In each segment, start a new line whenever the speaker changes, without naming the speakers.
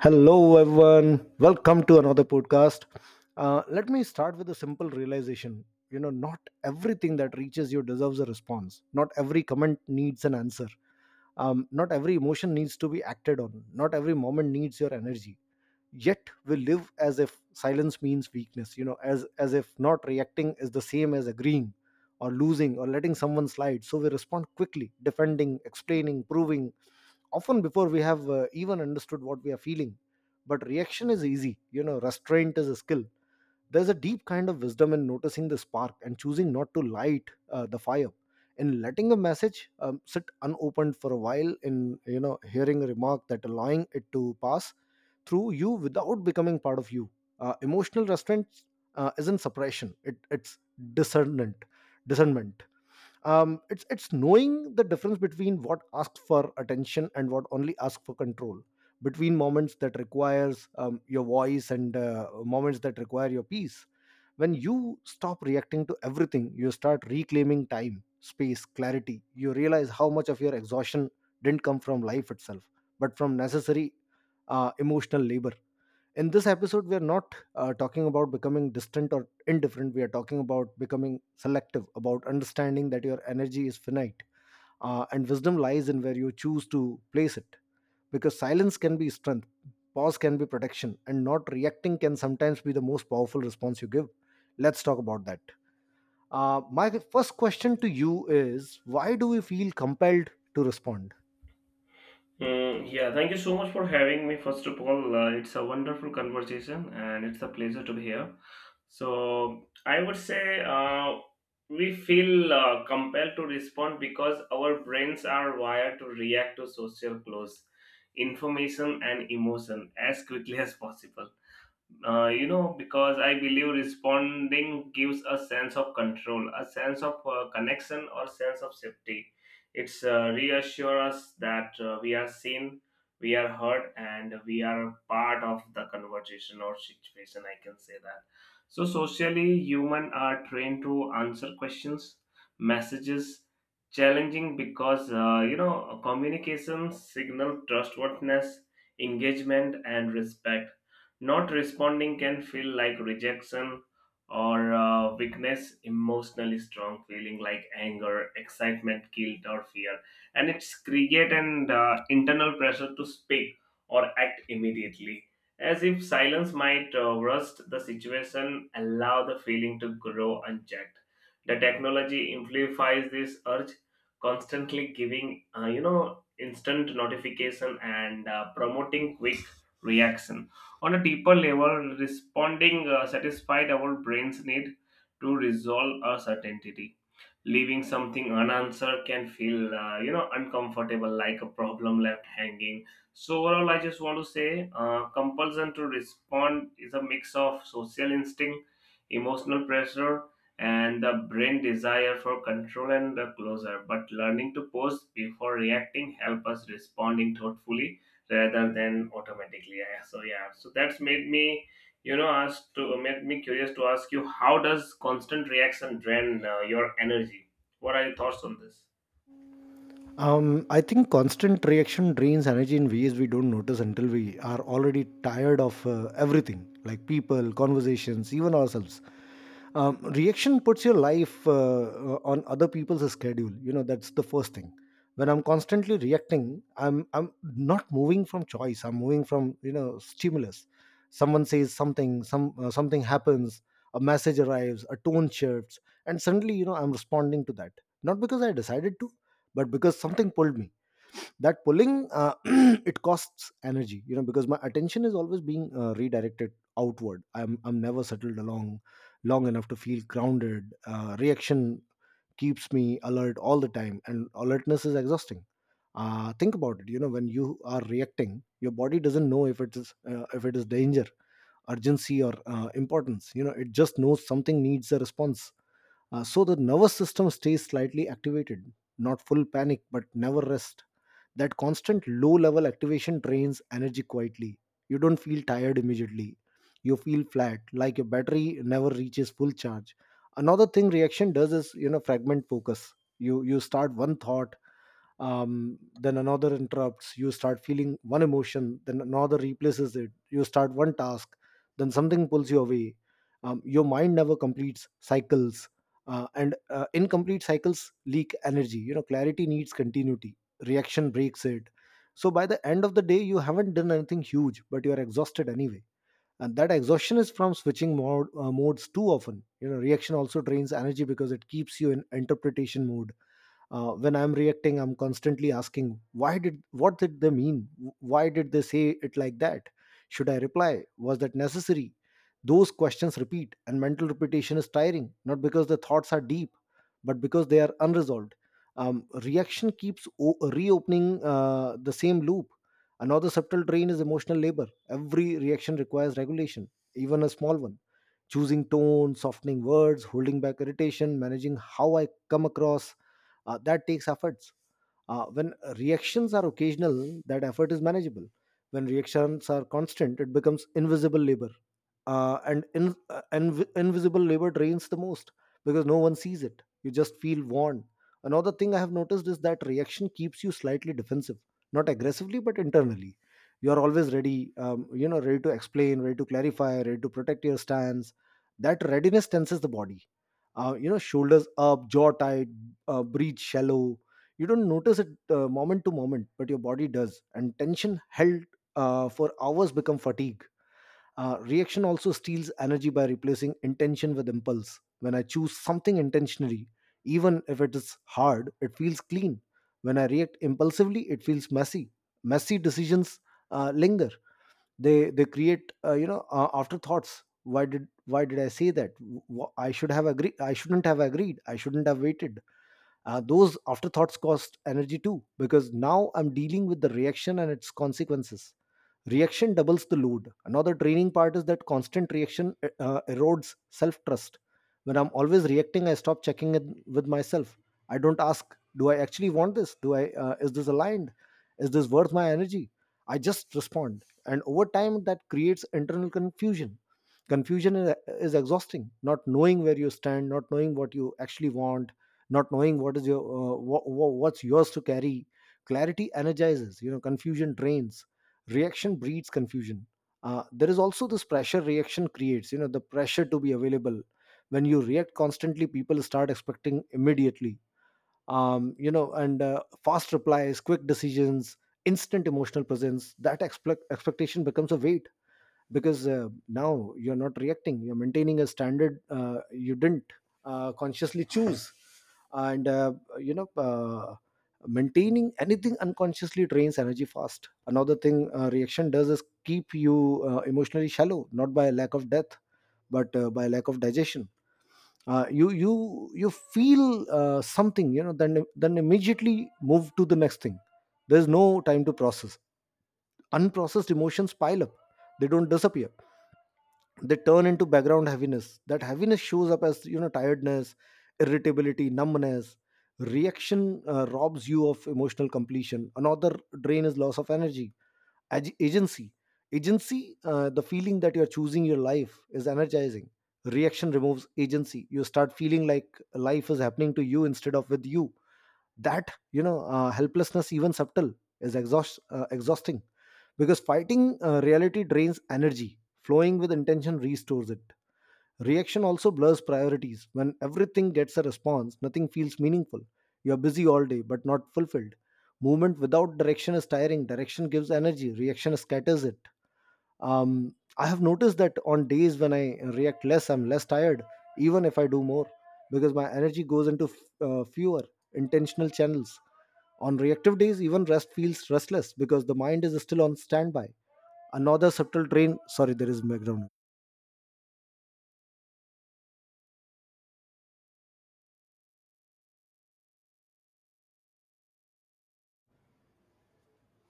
Hello, everyone. Welcome to another podcast. Let me start with a simple realization. Not everything that reaches you deserves a response. Not every comment needs an answer. Not every emotion needs to be acted on. Not every moment needs your energy. Yet we live as if silence means weakness. As if not reacting is the same as agreeing, or losing, or letting someone slide. So we respond quickly, defending, explaining, proving, often before we have even understood what we are feeling, but reaction is easy. Restraint is a skill. There's a deep kind of wisdom in noticing the spark and choosing not to light the fire, in letting a message sit unopened for a while, in hearing a remark that allowing it to pass through you without becoming part of you. Emotional restraint isn't suppression. It's discernment. Discernment. It's knowing the difference between what asks for attention and what only asks for control, between moments that requires your voice and moments that require your peace. When you stop reacting to everything, you start reclaiming time, space, clarity. You realize how much of your exhaustion didn't come from life itself, but from necessary emotional labor. In this episode, we are not talking about becoming distant or indifferent. We are talking about becoming selective, about understanding that your energy is finite, and wisdom lies in where you choose to place it. Because silence can be strength. Pause can be protection. And not reacting can sometimes be the most powerful response you give. Let's talk about that. My first question to you is, why do we feel compelled to respond?
Yeah, Thank you so much for having me. First of all, it's a wonderful conversation and it's a pleasure to be here. So, I would say we feel compelled to respond because our brains are wired to react to social clues, information, and emotion as quickly as possible. You know, because I believe responding gives a sense of control, a sense of connection, or sense of safety. It's reassure us that we are seen, we are heard, and we are part of the conversation or situation. I can say that. So socially, human are trained to answer questions, messages, challenging because you know communication signal trustworthiness, engagement, and respect. Not responding can feel like rejection or weakness, emotionally strong feeling like anger, excitement, guilt, or fear. And it's create an internal pressure to speak or act immediately. As if silence might rust the situation, allow the feeling to grow unchecked. The technology amplifies this urge, constantly giving, you know, instant notification and promoting quick reaction on a deeper level, responding satisfied our brain's need to resolve a certainty, leaving something unanswered can feel you know uncomfortable like a problem left hanging. So overall I just want to say compulsion to respond is a mix of social instinct, emotional pressure, and the brain desire for control and the closure, but learning to pause before reacting help us responding thoughtfully rather than automatically. Yeah, so that's made me, you know, asked to made me curious to ask you, how does constant reaction drain your energy? What are your thoughts on this?
I think constant reaction drains energy in ways we don't notice until we are already tired of everything, like people, conversations, even ourselves. Reaction puts your life on other people's schedule. You know that's the first thing. When I'm constantly reacting, I'm not moving from choice. I'm moving from stimulus. Someone says something, something happens, a message arrives, a tone shifts, and suddenly I'm responding to that. Not because I decided to, but because something pulled me. That pulling, it costs energy, because my attention is always being redirected outward. I'm never settled along long enough to feel grounded. Reaction keeps me alert all the time, and alertness is exhausting. Think about it. When you are reacting, your body doesn't know if it is danger urgency, or importance. It just knows something needs a response. So the nervous system stays slightly activated, not full panic, but never rest. That constant low level activation drains energy quietly. You don't feel tired immediately. You feel flat, like your battery never reaches full charge. Another thing reaction does is, fragment focus. You start one thought, then another interrupts. You start feeling one emotion, then another replaces it. You start one task, then something pulls you away. Your mind never completes cycles. And incomplete cycles leak energy. Clarity needs continuity. Reaction breaks it. So by the end of the day, you haven't done anything huge, but you are exhausted anyway, and that exhaustion is from switching modes too often. Reaction also drains energy because it keeps you in interpretation mode. When I'm reacting, I'm constantly asking, why did what did they mean? Why did they say it like that? Should I reply? Was that necessary? Those questions repeat, and mental repetition is tiring, not because the thoughts are deep, but because they are unresolved. Reaction keeps reopening the same loop. Another subtle drain is emotional labor. Every reaction requires regulation, even a small one: choosing tone, softening words, holding back irritation, managing how I come across. That takes efforts. When reactions are occasional, that effort is manageable. When reactions are constant, it becomes invisible labor. Invisible labor drains the most because no one sees it. You just feel worn. Another thing I have noticed is that reaction keeps you slightly defensive, not aggressively, but internally. You are always ready, ready to explain, ready to clarify, ready to protect your stance. That readiness tenses the body. Shoulders up, jaw tight, breathe shallow. You don't notice it moment to moment, but your body does, and tension held for hours become fatigue. Reaction also steals energy by replacing intention with impulse. When I choose something intentionally, even if it is hard, it feels clean. When I react impulsively, it feels messy. Messy decisions linger. They create, afterthoughts. Why did I say that? I should have agreed. I shouldn't have agreed. I shouldn't have waited. Those afterthoughts cost energy too, because now I'm dealing with the reaction and its consequences. Reaction doubles the load. Another draining part is that constant reaction erodes self trust. When I'm always reacting, I stop checking in with myself. I don't ask, do I actually want this? Do I Is this aligned? Is this worth my energy? I just respond, and over time that creates internal confusion. Confusion is exhausting. Not knowing where you stand, not knowing what you actually want, not knowing what is your wha- wha- what's yours to carry. Clarity energizes. Confusion drains. Reaction breeds confusion. There is also this pressure reaction creates, the pressure to be available. When you react constantly, people start expecting immediately. And fast replies, quick decisions, instant emotional presence. That expectation becomes a weight, because now you're not reacting, you're maintaining a standard you didn't consciously choose. And uh, you know uh, maintaining anything unconsciously drains energy fast. Another thing reaction does is keep you emotionally shallow, not by lack of depth, but by lack of digestion. You feel something, then immediately move to the next thing. There's no time to process. Unprocessed emotions pile up. They don't disappear. They turn into background heaviness. That heaviness shows up as, tiredness, irritability, numbness. Reaction robs you of emotional completion. Another drain is loss of energy. Agency. Agency, the feeling that you're choosing your life, is energizing. Reaction removes agency. You start feeling like life is happening to you instead of with you. That, helplessness, even subtle, is exhausting, because fighting reality drains energy. Flowing with intention restores it. Reaction also blurs priorities. When everything gets a response, nothing feels meaningful. You're busy all day, but not fulfilled. Movement without direction is tiring. Direction gives energy. Reaction scatters it. I have noticed that on days when I react less, I'm less tired, even if I do more, because my energy goes into fewer intentional channels. On reactive days, even rest feels restless because the mind is still on standby. Another subtle train. Sorry, there is background.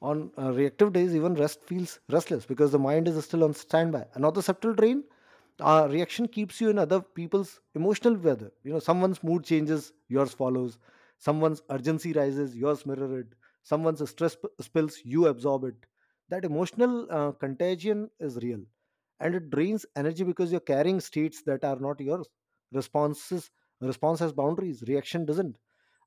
On reactive days, even rest feels restless because the mind is still on standby. Another subtle drain, reaction keeps you in other people's emotional weather. You know, someone's mood changes, yours follows. Someone's urgency rises, yours mirror it. Someone's stress spills, you absorb it. That emotional contagion is real, and it drains energy because you're carrying states that are not yours. Responses, Response has boundaries. Reaction doesn't.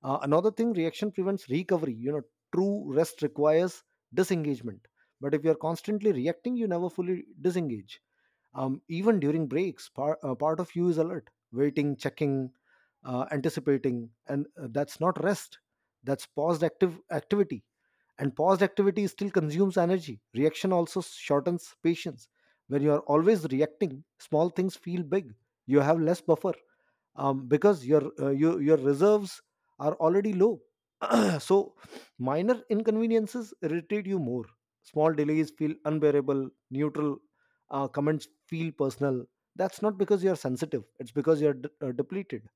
Another thing, reaction prevents recovery. You know, true rest requires disengagement, but if you're constantly reacting, you never fully disengage. Even during breaks, part of you is alert, waiting, checking, anticipating, and that's not rest. That's paused active activity, and paused activity still consumes energy. Reaction also shortens patience. When you are always reacting, small things feel big. You have less buffer, because your reserves are already low. Yeah. So, minor inconveniences irritate you more. Small delays feel unbearable. Neutral comments feel personal. That's not because you're sensitive, it's because you're depleted.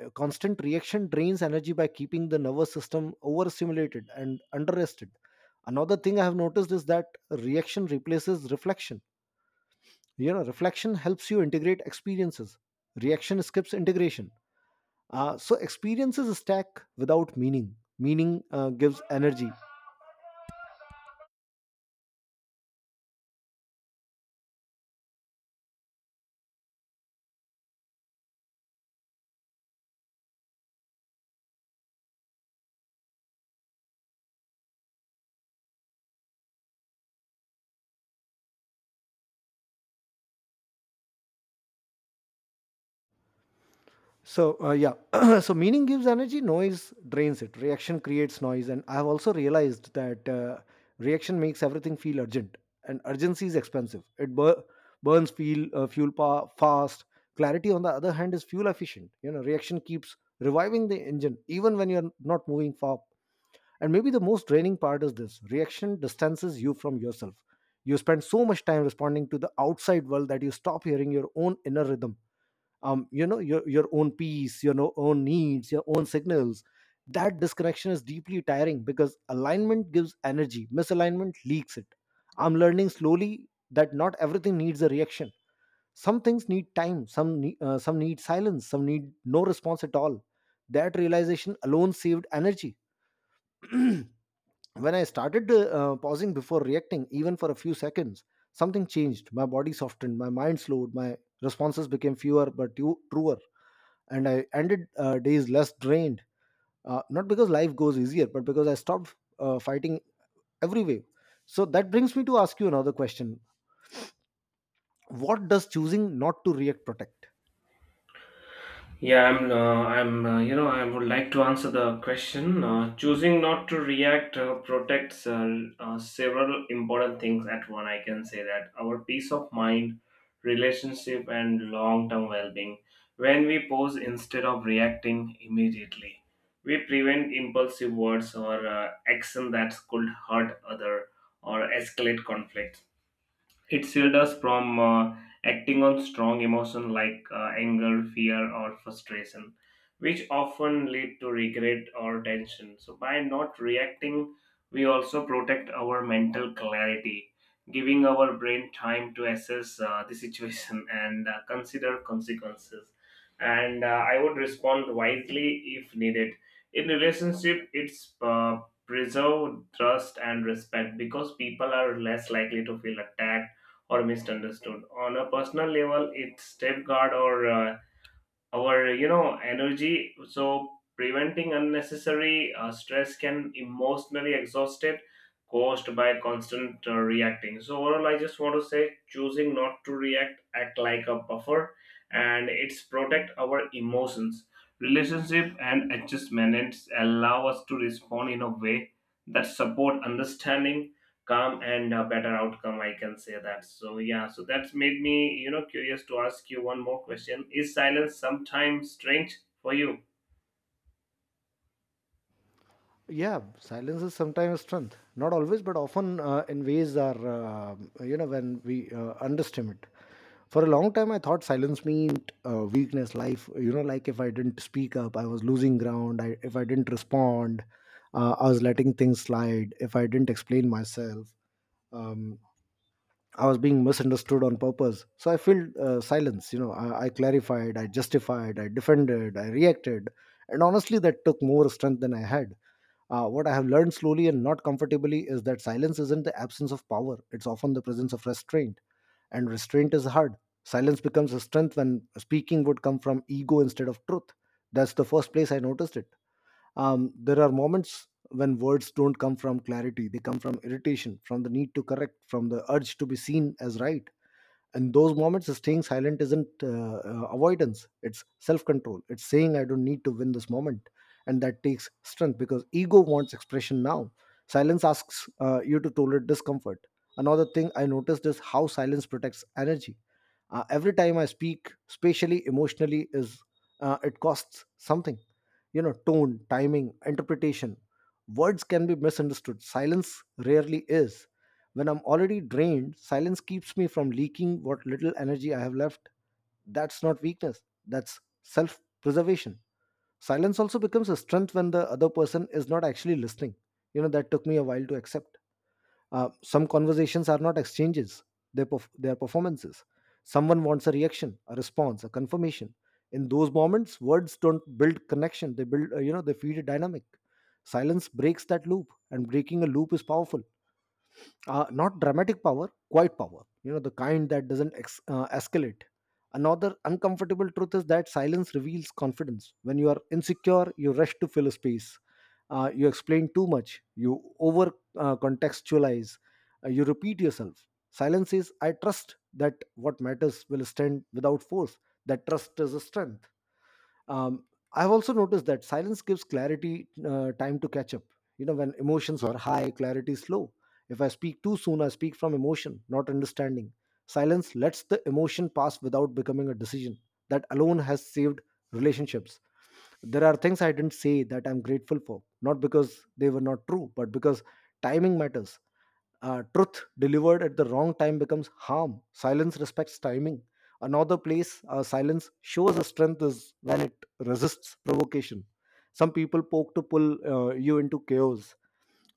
Constant reaction drains energy by keeping the nervous system overstimulated and underrested. Another thing I have noticed is that reaction replaces reflection. You know, reflection helps you integrate experiences, reaction skips integration. So, experiences stack without meaning. Meaning gives energy. So meaning gives energy, noise drains it. Reaction creates noise, and I have also realized that reaction makes everything feel urgent, and urgency is expensive. It burns fuel, fast. Clarity, on the other hand, is fuel efficient. You know, reaction keeps reviving the engine even when you're not moving far. And maybe the most draining part is this: reaction distances you from yourself. You spend so much time responding to the outside world that you stop hearing your own inner rhythm, your own peace, own needs, your own signals. That disconnection is deeply tiring, because alignment gives energy, misalignment leaks it. I'm learning slowly that not everything needs a reaction. Some things need time, some need silence, some need no response at all. That realization alone saved energy. When I started pausing before reacting, even for a few seconds, something changed. My body softened, my mind slowed, my responses became fewer but truer, and I ended days less drained, not because life goes easier, but because I stopped fighting every way. So that brings me to ask you another question. What does choosing not to react protect?
Yeah, I'm. I'm. You know, I would like to answer the question. Choosing not to react protects several important things at one. I can say that our peace of mind, relationship, and long-term well-being. When we pause instead of reacting immediately, we prevent impulsive words or action that could hurt other or escalate conflict. It shields us from acting on strong emotion like anger, fear, or frustration, which often lead to regret or tension. So, by not reacting, we also protect our mental clarity, giving our brain time to assess the situation and consider consequences. And I would respond wisely if needed. In relationship, it's preserve trust and respect because people are less likely to feel attacked or misunderstood. On a personal level, it's safeguard or our you know energy. So preventing unnecessary stress can emotionally exhaust it caused by constant reacting. So overall, I just want to say choosing not to react act like a buffer, and it's protect our emotions. Relationship and adjustments allow us to respond in a way that support understanding, calm and a better outcome. I can say that. So yeah, so that's made me, you know, curious to ask you one more question: is silence sometimes strange for you?
Yeah, silence is sometimes strength. Not always, but often you know, when we underestimate. For a long time, I thought silence meant weakness, life. You know, like if I didn't speak up, I was losing ground. If I didn't respond, I was letting things slide. If I didn't explain myself, um, I was being misunderstood on purpose. So I filled silence. You know, I clarified, I justified, I defended, I reacted, and honestly, that took more strength than I had. What I have learned slowly, and not comfortably, is that silence isn't the absence of power; it's often the presence of restraint, and restraint is hard. Silence becomes a strength when speaking would come from ego instead of truth. That's the first place I noticed it. There are moments when words don't come from clarity, they come from irritation, from the need to correct, from the urge to be seen as right. And those moments, staying silent isn't avoidance, it's self-control, it's saying, I don't need to win this moment. And that takes strength, because ego wants expression now. Silence asks you to tolerate discomfort. Another thing I noticed is how silence protects energy. Every time I speak, spatially, emotionally, is it costs something. You know, tone, timing, interpretation, words can be misunderstood. Silence rarely is. When I'm already drained, silence keeps me from leaking what little energy I have left. That's not weakness, that's self preservation. Silence also becomes a strength when the other person is not actually listening. You know, that took me a while to accept. Some conversations are not exchanges, they're performances. Someone wants a reaction, a response, a confirmation. In those moments, words don't build connection, they build, you know, they feed a dynamic. Silence breaks that loop, and breaking a loop is powerful, not dramatic power, quiet power. You know, the kind that doesn't escalate. Another uncomfortable truth is that silence reveals confidence. When you are insecure, you rush to fill a space. You explain too much. You over contextualize. You repeat yourself. Silence says, I trust that what matters will stand without force. That trust is a strength. Um, I've also noticed that silence gives clarity time to catch up. You know, when emotions are high, clarity is low. If I speak too soon, I speak from emotion, not understanding. Silence lets the emotion pass without becoming a decision. That alone has saved relationships. There are things I didn't say that I'm grateful for, not because they were not true, but because timing matters. Truth delivered at the wrong time becomes harm. Silence respects timing. Another place silence shows a strength is when it resists provocation. Some people poke to pull you into chaos.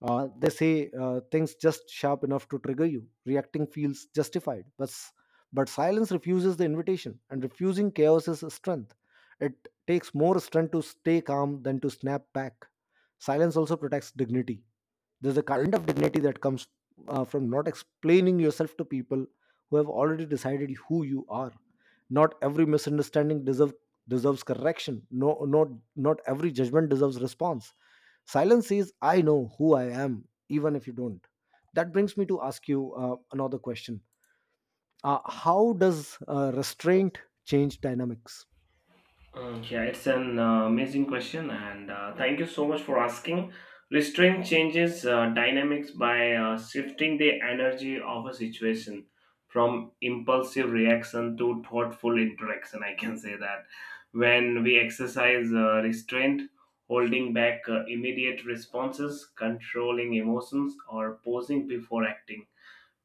They say things just sharp enough to trigger you. Reacting feels justified, but silence refuses the invitation, and refusing chaos is a strength. It takes more strength to stay calm than to snap back. Silence also protects dignity. There's a kind of dignity that comes from not explaining yourself to people who have already decided who you are. Not every misunderstanding deserves correction. No, not every judgment deserves response. Silence says, "I know who I am," even if you don't. That brings me to ask you another question: how does restraint change dynamics?
Yeah, it's an amazing question, and thank you so much for asking. Restraint changes dynamics by shifting the energy of a situation from impulsive reaction to thoughtful interaction. I can say that when we exercise restraint, holding back immediate responses, controlling emotions, or pausing before acting,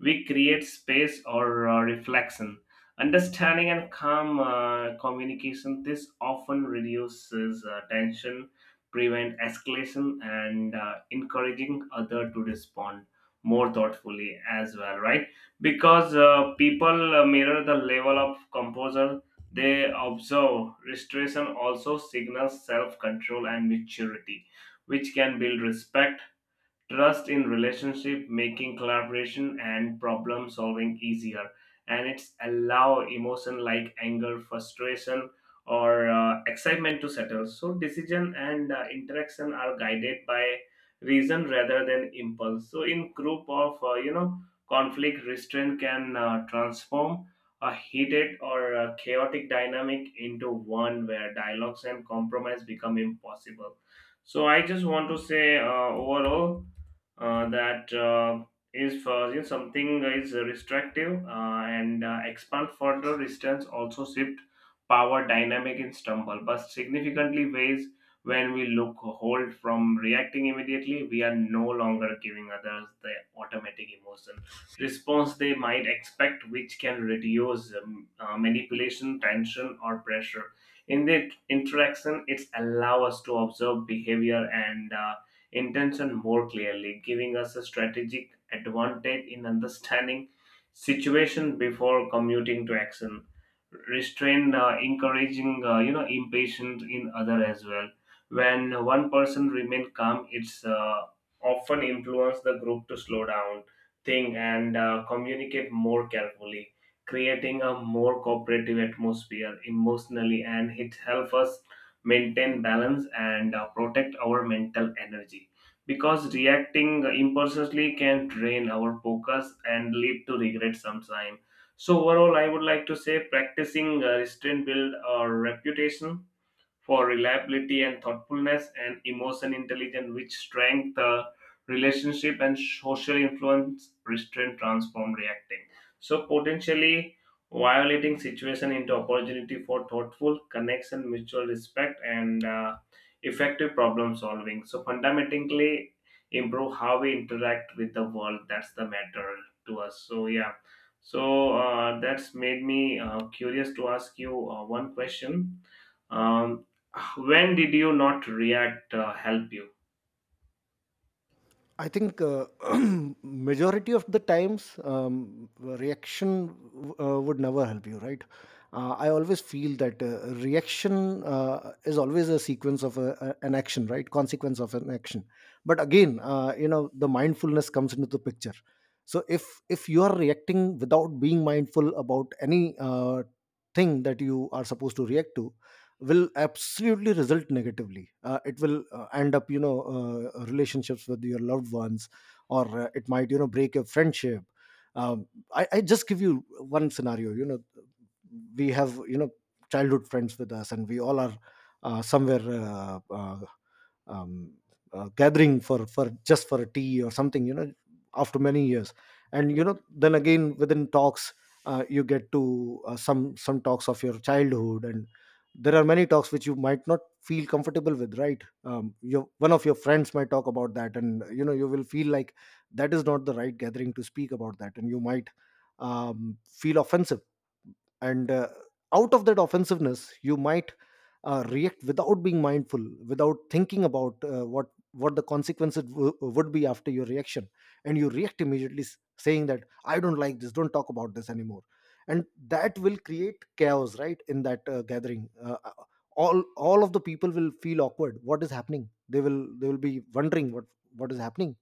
we create space or reflection, understanding and calm communication. This often reduces tension, prevent escalation and encouraging other to respond more thoughtfully as well, right? Because people mirror the level of composure they observe. Restoration also signals self-control and maturity, which can build respect, trust in relationship, making collaboration and problem solving easier, and it's allow emotion like anger, frustration, or excitement to settle, so decision and interaction are guided by reason rather than impulse. So in group of you know conflict, restraint can transform a heated or chaotic dynamic into one where dialogues and compromise become impossible. So I just want to say overall that is for you something is restrictive, and expand further distance also shift power dynamic in stumble but significantly ways. When we look hold from reacting immediately, we are no longer giving others the automatic emotion response they might expect, which can reduce manipulation, tension or pressure in the interaction. It's allow us to observe behavior and intention more clearly, giving us a strategic advantage in understanding situation before commuting to action. Restrain encouraging you know impatience in other as well. When one person remain calm, it's often influence the group to slow down, think, and communicate more carefully, creating a more cooperative atmosphere emotionally, and it helps us maintain balance and protect our mental energy, because reacting impulsively can drain our focus and lead to regret sometime. So overall, I would like to say practicing restraint build our reputation for reliability and thoughtfulness and emotion intelligence, which strengthen the relationship and social influence, restraint, transform, reacting. So potentially violating situation into opportunity for thoughtful connection, mutual respect, and effective problem solving. So fundamentally improve how we interact with the world. That's the matter to us. So yeah. So that's made me curious to ask you one question. Um, when did you not react help you?
I think majority of the times reaction would never help you, right? I always feel that reaction is always a sequence of an action, right? Consequence of an action. But again, you know, the mindfulness comes into the picture. So if you are reacting without being mindful about any thing that you are supposed to react to, will absolutely result negatively. It will end up, you know, relationships with your loved ones, or it might, you know, break your friendship. Um, I, I just give you one scenario. You know, we have, you know, childhood friends with us, and we all are somewhere, um, gathering for just for a tea or something, you know, after many years. And you know, then again, within talks, you get to some talks of your childhood. And there are many talks which you might not feel comfortable with, right. Your one of your friends might talk about that, and you know, you will feel like that is not the right gathering to speak about that, and you might feel offensive. And out of that offensiveness you might react without being mindful, without thinking about what the consequences would be after your reaction, and you react immediately, saying that, I don't like this, don't talk about this anymore. And that will create chaos, right, in that gathering. All of the people will feel awkward. What is happening? They will be wondering what is happening.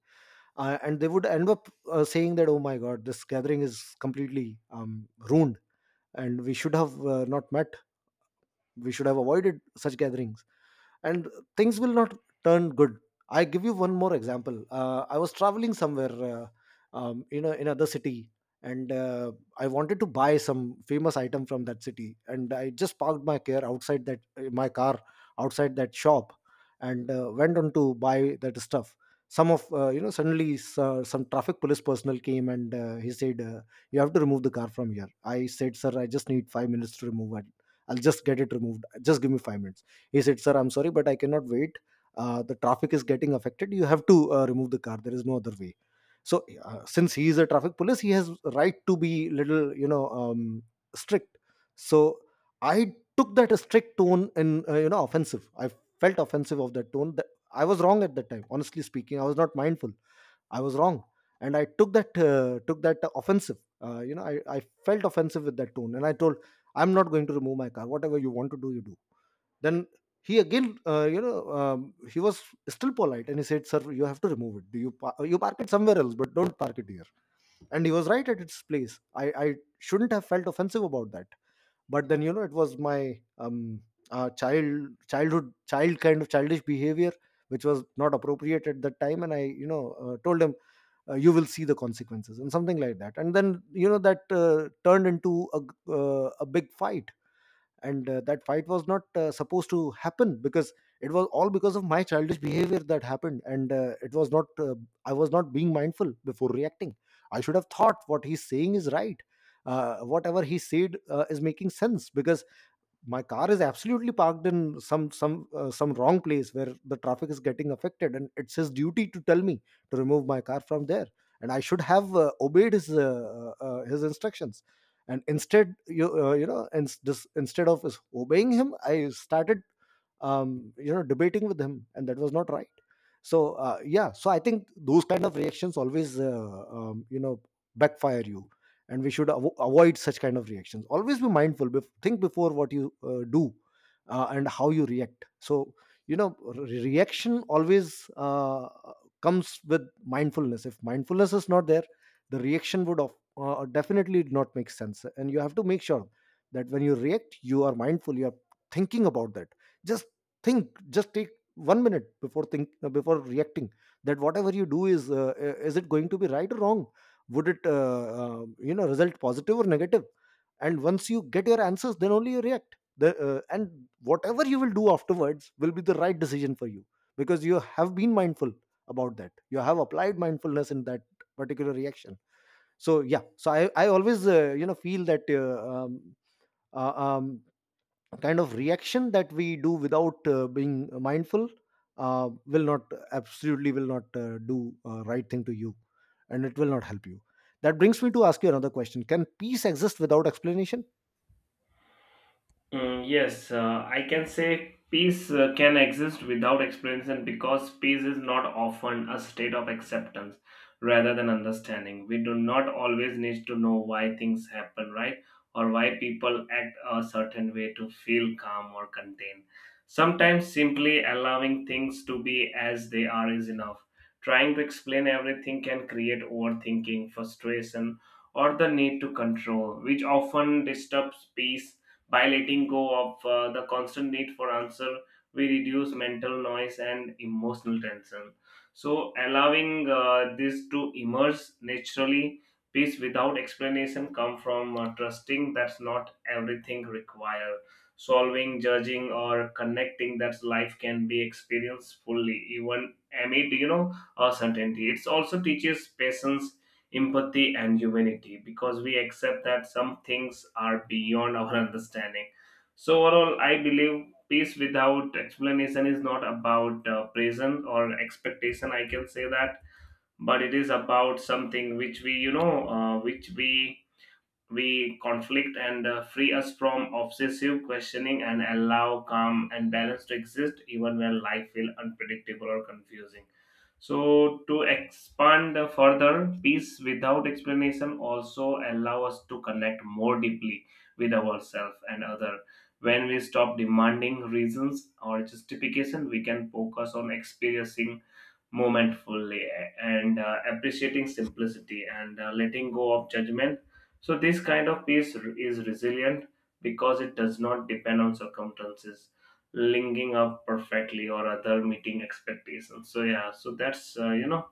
And they would end up saying that, oh my god, this gathering is completely ruined, and we should have not met, we should have avoided such gatherings, and things will not turn good. I give you one more example. I was traveling somewhere, in another city, and I wanted to buy some famous item from that city, and I just parked my car outside that, my car outside that shop, and went on to buy that stuff. Some of, you know, suddenly some traffic police personnel came, and he said, you have to remove the car from here. I said, sir, I just need 5 minutes to remove it, I'll just get it removed, just give me 5 minutes. He said, sir, I'm sorry but I cannot wait. The traffic is getting affected, you have to remove the car, there is no other way. So since he is a traffic police, he has right to be little, you know, strict. So I took that strict tone in, you know, offensive. I felt offensive of that tone. That I was wrong at that time, honestly speaking, I was not mindful, I was wrong. And I took that offensive, you know, I felt offensive with that tone, and I told, I'm not going to remove my car, whatever you want to do, you do. Then he again, you know, he was still polite, and he said, sir, you have to remove it, you park it somewhere else, but don't park it here. And he was right at its place. I shouldn't have felt offensive about that. But then you know, it was my, um child childhood child kind of childish behavior, which was not appropriate at that time, and I, you know, told him, you will see the consequences, and something like that. And then you know that, turned into a big fight, and that fight was not supposed to happen, because it was all because of my childish behavior that happened. And it was not, I was not being mindful before reacting. I should have thought, what he's saying is right. Whatever he said is making sense, because my car is absolutely parked in some wrong place where the traffic is getting affected, and it's his duty to tell me to remove my car from there. And I should have obeyed his instructions. And instead you, you know, instead of his obeying him, I started, you know, debating with him, and that was not right. So, yeah, so I think those kind of reactions always backfire you, and we should avoid such kind of reactions. Always be mindful, think before what you do and how you react. Reaction always comes with mindfulness. If mindfulness is not there, the reaction would definitely not make sense, and you have to make sure that when you react you are mindful, you are thinking about that. Just think, just take 1 minute before think before reacting, that whatever you do is it going to be right or wrong? Would it result positive or negative? And once you get your answers, then only you react and whatever you will do afterwards will be the right decision for you, because you have been mindful about that, you have applied mindfulness in that particular reaction. So yeah, so I always feel that uh, um, kind of reaction that we do without being mindful will not, absolutely will not do right thing to you, and it will not help you. That brings me to ask you another question: can peace exist without explanation?
Yes, I can say peace can exist without explanation because peace is not often a state of acceptance rather than understanding. We do not always need to know why things happen, right? Or why people act a certain way to feel calm or contained. Sometimes simply allowing things to be as they are is enough. Trying to explain everything can create overthinking, frustration, or the need to control, which often disturbs peace by letting go of the constant need for answer, we reduce mental noise and emotional tension. So, allowing this to emerge naturally, peace without explanation come from trusting that's not everything required. Solving, judging, or connecting that life can be experienced fully, even amid you know uncertainty. It also teaches patience, empathy, and humanity because we accept that some things are beyond our understanding. So, overall, I believe peace without explanation is not about present or expectation, I can say that, but it is about something which we, you know, which we conflict and free us from obsessive questioning and allow calm and balance to exist even when life feels unpredictable or confusing. So to expand further, peace without explanation also allow us to connect more deeply with ourselves and other. When we stop demanding reasons or justification, we can focus on experiencing moment fully and appreciating simplicity and letting go of judgment. So this kind of peace is resilient because it does not depend on circumstances, linking up perfectly or other meeting expectations. So yeah, so that's you know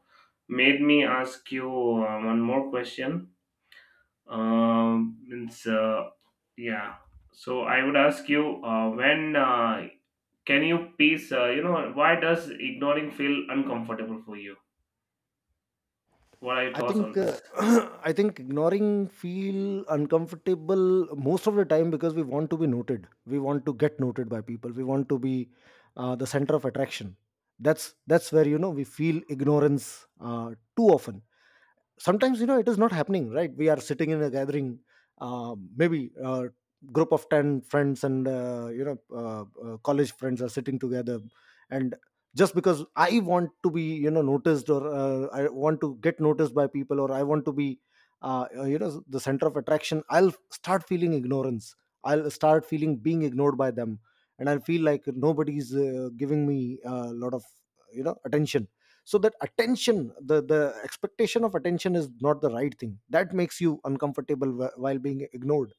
made me ask you one more question. Means yeah. So I would ask you when can you peace? You know, why does ignoring feel uncomfortable for you? What are your
I
thoughts
think
on this?
I think ignoring feel uncomfortable most of the time because we want to be noted, we want to get noted by people, we want to be the center of attraction. That's where, you know, we feel ignorance too often. Sometimes, you know, it is not happening, right? We are sitting in a gathering, maybe a group of 10 friends, and college friends are sitting together, and just because I want to be, you know, noticed, or I want to get noticed by people, or I want to be the center of attraction, I'll start feeling ignorance, I'll start feeling being ignored by them. And I feel like nobody's giving me a lot of, you know, attention. So that attention, the expectation of attention is not the right thing that makes you uncomfortable while being ignored.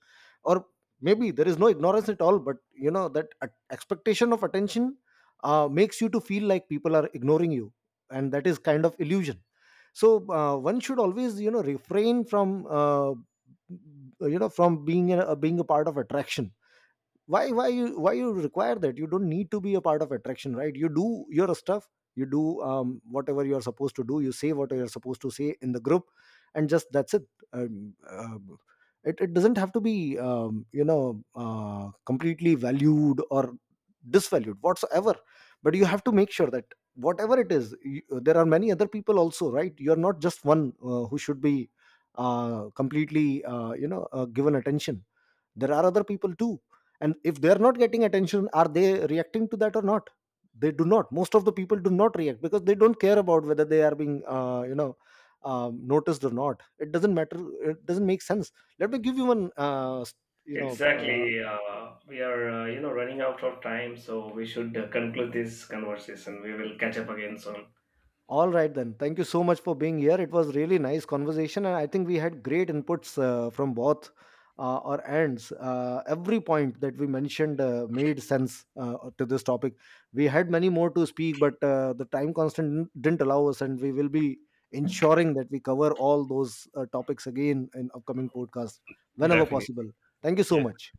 Or maybe there is no ignorance at all, but, you know, that expectation of attention makes you to feel like people are ignoring you, and that is kind of illusion. So one should always, you know, refrain from from being a part of attraction. Why you, why you require that? You don't need to be a part of attraction, right? You do your stuff, you do whatever you are supposed to do, you say what you are supposed to say in the group, and just that's it. um, um, it doesn't have to be completely valued or disvalued whatsoever. But you have to make sure that whatever it is, there are many other people also, right? You're not just one who should be completely given attention. There are other people too. And if they are not getting attention, are they reacting to that or not? They do not, most of the people do not react because they don't care about whether they are being, noticed or not. It doesn't matter, it doesn't make sense. Let me give you one you know uh,
Exactly. We are, you know, running out of time, so we should conclude this conversation. We will catch up again soon.
all right, then. Thank you so much for being here. It was really nice conversation, and I think we had great inputs from both our ends. Every point that we mentioned made sense to this topic. We had many more to speak, but the time constant didn't allow us, and we will be ensuring that we cover all those topics again in upcoming podcast whenever possible. Thank you so much.